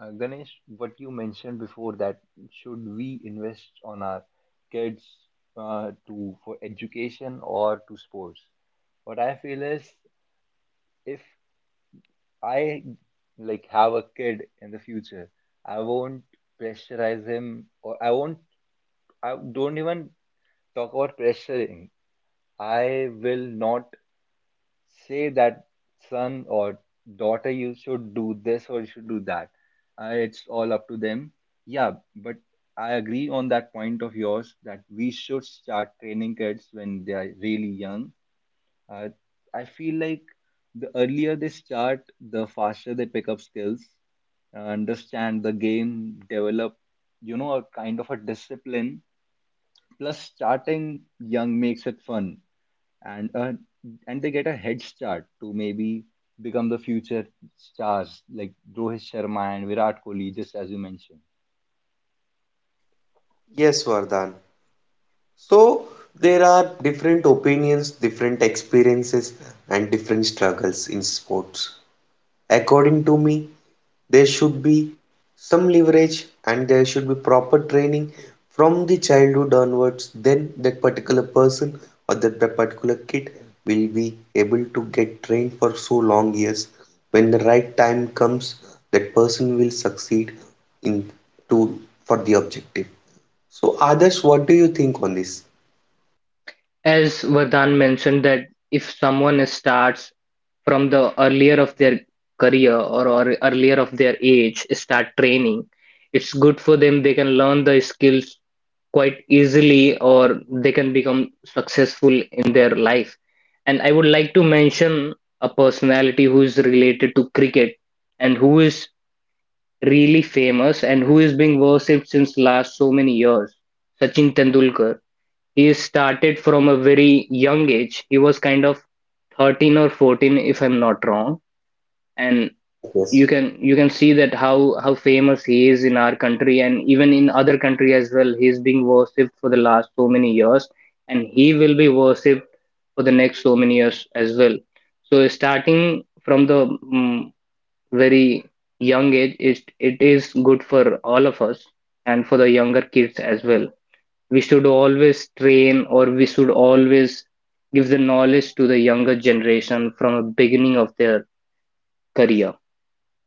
S2: Ganesh, what you mentioned before, that should we invest on our kids to for education or to sports? What I feel is, if I like have a kid in the future, I won't pressurize him, or I won't, I don't even talk about pressuring. I will not say that son or daughter, you should do this or you should do that. It's all up to them. Yeah. But I agree on that point of yours, that we should start training kids when they are really young. uh, I feel like the earlier they start, the faster they pick up skills, understand the game, develop, you know, a kind of a discipline. Plus starting young makes it fun, and uh, and they get a head start to maybe become the future stars like Rohit Sharma and Virat Kohli, just as you mentioned.
S1: Yes, Vardhan. So there are different opinions, different experiences, and different struggles in sports. According to me, there should be some leverage and there should be proper training from the childhood onwards. Then that particular person or that particular kid will be able to get trained for so long years. When the right time comes, that person will succeed in to for the objective. So, others, what do you think on this?
S3: As Vardhan mentioned, that if someone starts from the earlier of their career, or earlier of their age start training, it's good for them. They can learn the skills quite easily or they can become successful in their life. And I would like to mention a personality who is related to cricket and who is really famous and who is being worshipped since last so many years, Sachin Tendulkar. He started from a very young age. He was kind of 13 or 14, if I'm not wrong. And
S1: Yes,
S3: you
S1: yes.
S3: can you can see that how famous he is in our country and even in other country as well. He's being worshipped for the last so many years and he will be worshipped for the next so many years as well. So starting from the very young age, it is good for all of us and for the younger kids as well. We should always train or we should always give the knowledge to the younger generation from the beginning of their career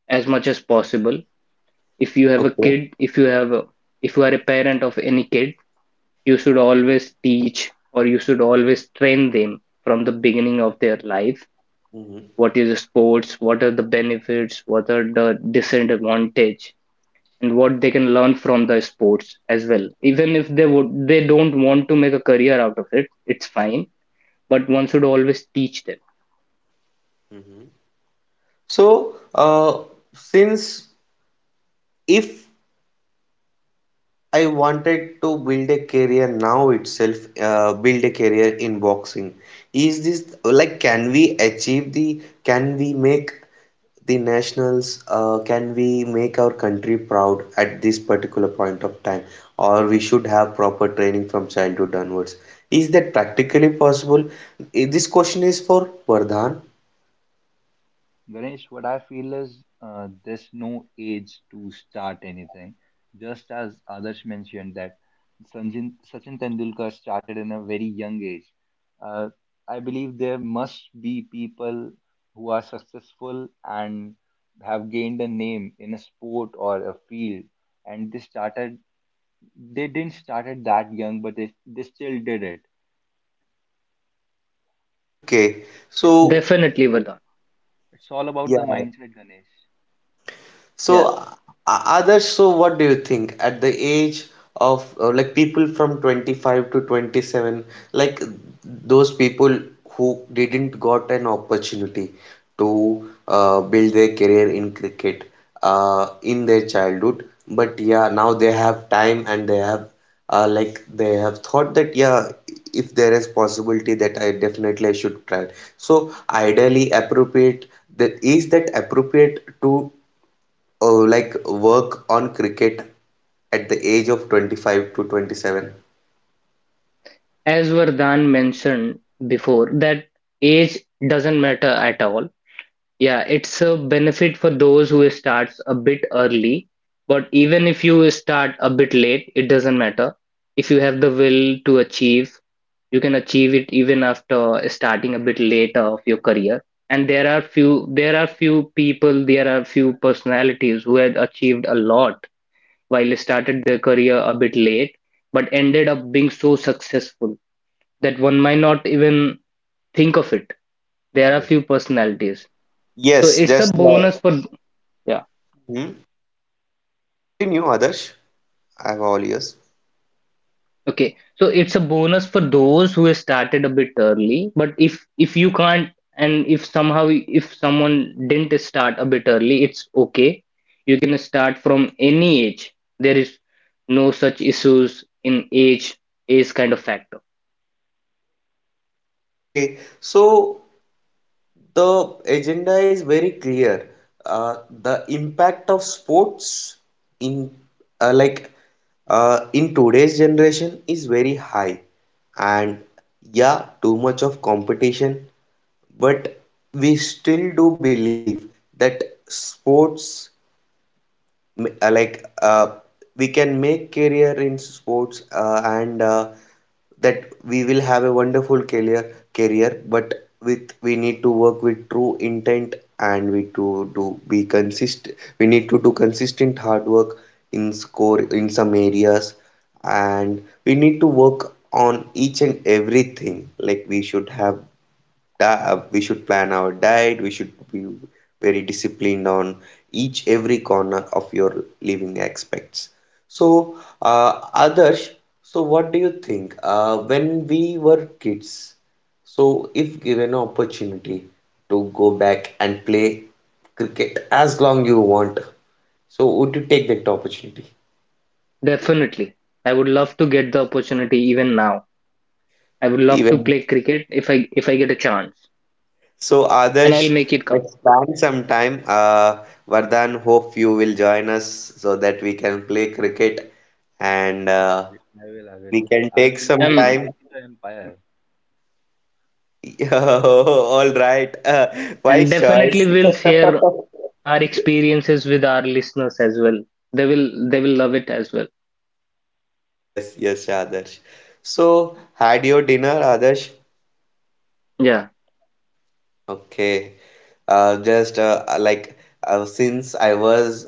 S3: as much as possible. If you have a
S1: Okay.
S3: kid If you are a parent of any kid, you should always teach or you should always train them from the beginning of their life.
S1: Mm-hmm.
S3: What is sports, what are the benefits, what are the disadvantage, and what they can learn from the sports as well. Even if they don't want to make a career out of it, it's fine, but one should always teach them.
S1: Mm-hmm. So, since if I wanted to build a career now itself, build a career in boxing, is this like can we achieve the, can we make the nationals, can we make our country proud at this particular point of time, or we should have proper training from childhood onwards? Is that practically possible? This question is for Vardhan.
S2: Ganesh, what I feel is there's no age to start anything. Just as others mentioned that Sachin Tendulkar started in a very young age. Uh, I believe there must be people who are successful and have gained a name in a sport or a field, and they didn't start it that young, but they still did it.
S1: Okay,
S2: It's it's
S1: so
S3: Definitely, Vardhan.
S2: it's all about the
S1: yeah.
S2: mindset, Ganesh.
S1: So,
S3: Yeah,
S1: others, so what do you think at the age of like people from 25 to 27, like those people who didn't got an opportunity to build their career in cricket in their childhood, but yeah, now they have time and they have like they have thought that yeah, if there is possibility that I definitely I should try. So, ideally appropriate, that is that appropriate to oh, like work on cricket at the age of 25 to 27.
S3: as Vardhan mentioned before that age doesn't matter at all. Yeah, it's a benefit for those who starts a bit early, but even if you start a bit late, it doesn't matter. If you have the will to achieve, you can achieve it even after starting a bit later of your career. And there are few people, there are few personalities who had achieved a lot while started their career a bit late, but ended up being so successful that one might not even think of it. There are
S2: Yes, sir.
S3: few personalities. So
S1: Yes,
S3: it's a
S1: just like.
S3: bonus for, yeah.
S1: Hmm? Okay, continue, Adarsh. I have all ears.
S3: Okay. So it's a bonus for those who have started a bit early. But if you can't and if somehow if someone didn't start a bit early, it's okay. You can start from any age. There is no such issues in age kind of factor.
S1: Okay, so the agenda is very clear. The impact of sports in, uh, like in today's generation is very high, and yeah, too much of competition, but we still do believe that sports, uh, like uh, we can make career in sports, and that we will have a wonderful career, but with we need to work with true intent, and we need to do consistent hard work in score in some areas. And we need to work on each and everything, like we should have we should plan our diet. We should be very disciplined on each every corner of your living aspects. So others, so what do you think when we were kids, so if given an opportunity to go back and play cricket as long you want, so would you take that opportunity
S3: Definitely. I would love to get the opportunity even now. I would love to
S1: even?
S3: play cricket if I get a chance.
S1: So,
S3: And I'll
S1: Adarsh,
S3: make it count.
S1: let's plan some time. Vardhan, hope you will join us so that we can play cricket, and
S2: Yeah,
S1: uh,
S2: I will, I will.
S1: we can take some
S3: Um
S2: I'll
S1: time.
S2: be the empire.
S1: [laughs] All right,
S3: and
S1: wise
S3: definitely
S1: choice.
S3: we'll share
S1: [laughs]
S3: our experiences with our listeners as well. They will love it as well.
S1: Yes, yes, Adarsh. So, had your dinner, Adarsh?
S3: Yeah.
S1: Okay. Just since I was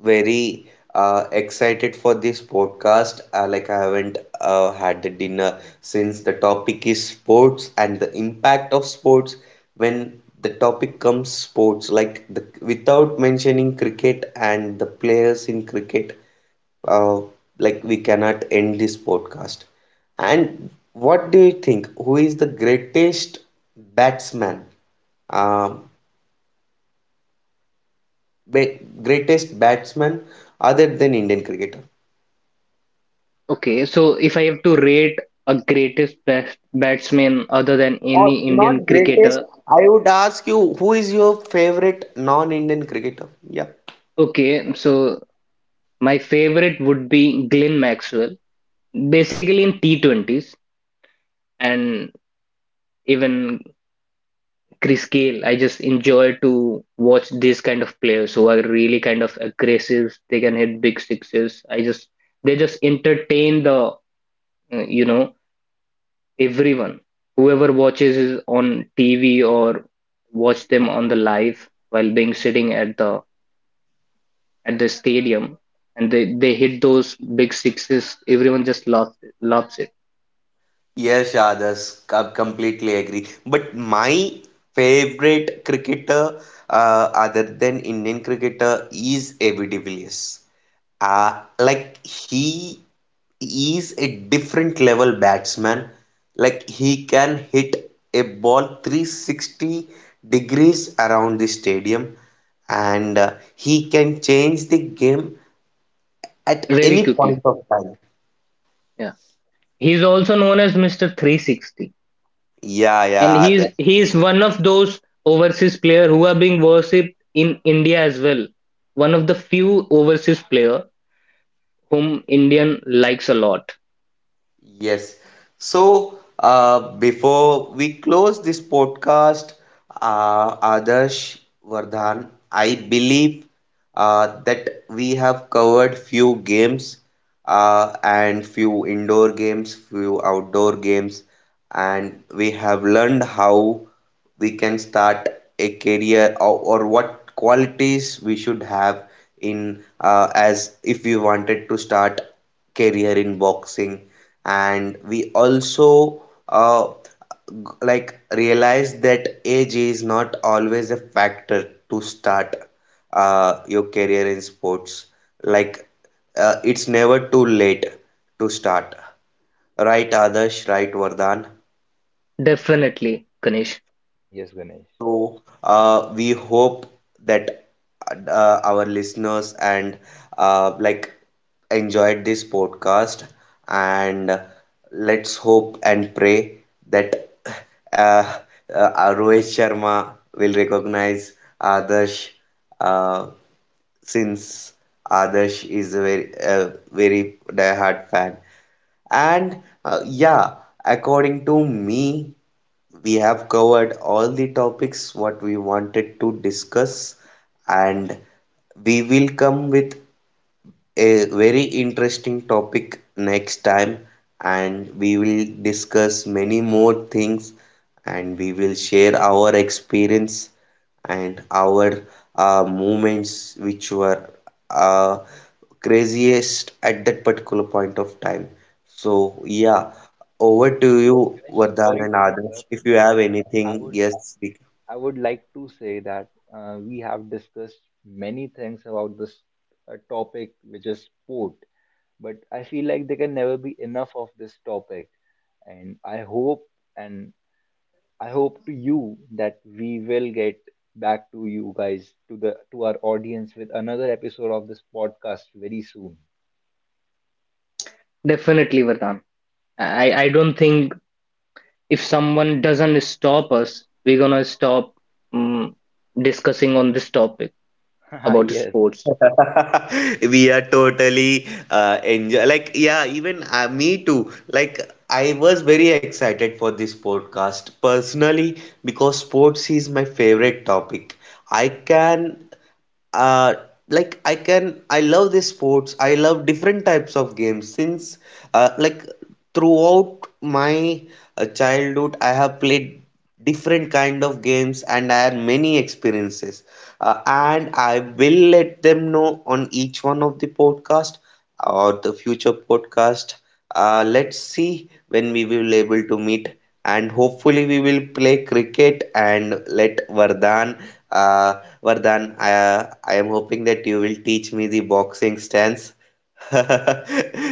S1: very excited for this podcast. Like I haven't had the dinner since the topic is sports and the impact of sports. When the topic comes sports, like the, without mentioning cricket and the players in cricket, uh, like we cannot end this podcast. And what do you think? Who is the greatest batsman? Um ba- Greatest batsman other than Indian cricketer?
S3: Okay. So if I have to rate a greatest best batsman other than
S1: Or
S3: any
S1: not
S3: Indian
S1: greatest,
S3: cricketer,
S1: I would ask you, who is your favorite non-Indian cricketer? Yeah.
S3: okay. So my favorite would be Glenn Maxwell, basically in T20s, and even Chris Gayle. I just enjoy to watch these kind of players who are really kind of aggressive. They can hit big sixes. I just They just entertain the you know, everyone, whoever watches is on TV or watch them on the live while being sitting at the stadium, and they hit those big sixes. Everyone just loves it
S1: Yes, Adas, I completely agree. But my favorite cricketer, other than Indian cricketer, is AB de Villiers. Uh, like he is a different level batsman. Like he can hit a ball 360 degrees around the stadium, and he can change the game at
S3: very
S1: any
S3: quickly.
S1: point of time.
S3: Yeah, he's also known as Mr. 360,
S1: Yeah,
S3: and
S1: yeah, Adas.
S3: he's one of those overseas player who are being worshipped in India as well. One of the few overseas player whom Indian likes a lot.
S1: Yes. So, before we close this podcast, Adarsh, Vardhan, I believe that we have covered few games, and few indoor games, few outdoor games, and we have learned how we can start a career, or what qualities we should have in, as if we wanted to start career in boxing, and we also uh, like realize that age is not always a factor to start your career in sports, like it's never too late to start, right Adarsh, right Vardhan?
S3: Definitely, Ganesh.
S2: Yeah, yes, Ganesh.
S1: So, we hope that our listeners and like enjoyed this podcast, and let's hope and pray that uh, uh, Rohit Sharma will recognize Adarsh, uh, since Adarsh is a very diehard fan. And yeah, according to me, we have covered all the topics what we wanted to discuss, and we will come with a very interesting topic next time, and we will discuss many more things, and we will share our experience and our moments which were uh, craziest at that particular point of time. So, yeah, over to you,
S2: Ganesh,
S1: Vardhan
S2: sorry
S1: and
S2: to
S1: Adarsh.
S2: interrupt,
S1: If you
S2: but
S1: have
S2: I
S1: anything,
S2: would,
S1: yes, we.
S2: I would like to say that we have discussed many things about this topic, which is sport. But I feel like there can never be enough of this topic, and and I hope to you that we will get back to you guys, to the to our audience, with another episode of this podcast very soon.
S3: Definitely, Vardhan. I don't think if someone doesn't stop us, we're gonna stop um, discussing on this topic
S2: [laughs]
S3: about
S2: Yes,
S3: sports.
S1: [laughs] We are totally enjoy, like yeah, even me too, like I was very excited for this podcast personally, because sports is my favorite topic. I can uh I love this sports, I love different types of games since like throughout my childhood I have played different kind of games, and I had many experiences. And I will let them know on each one of the podcast or the future podcast. Let's see when we will able to meet, and hopefully we will play cricket and let Vardhan, uh, I am hoping that you will teach me the boxing stance [laughs]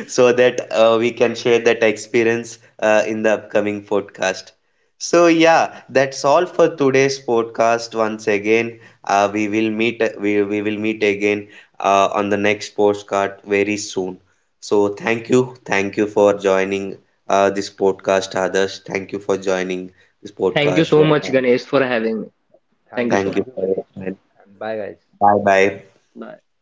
S1: so that we can share that experience in the upcoming podcast. So yeah, that's all for today's podcast once again. We will meet we will meet again on the next postcard very soon. So, thank you. Thank you for joining this podcast, Others. Thank you for joining this
S3: Thank you
S1: podcast.
S3: so much,
S1: Welcome.
S3: Ganesh, for having me. Thank you so
S1: Thank you
S2: thank you,
S1: for
S3: much.
S1: your
S2: Ganesh,
S1: time.
S2: and bye, guys.
S1: Bye bye.
S3: Bye.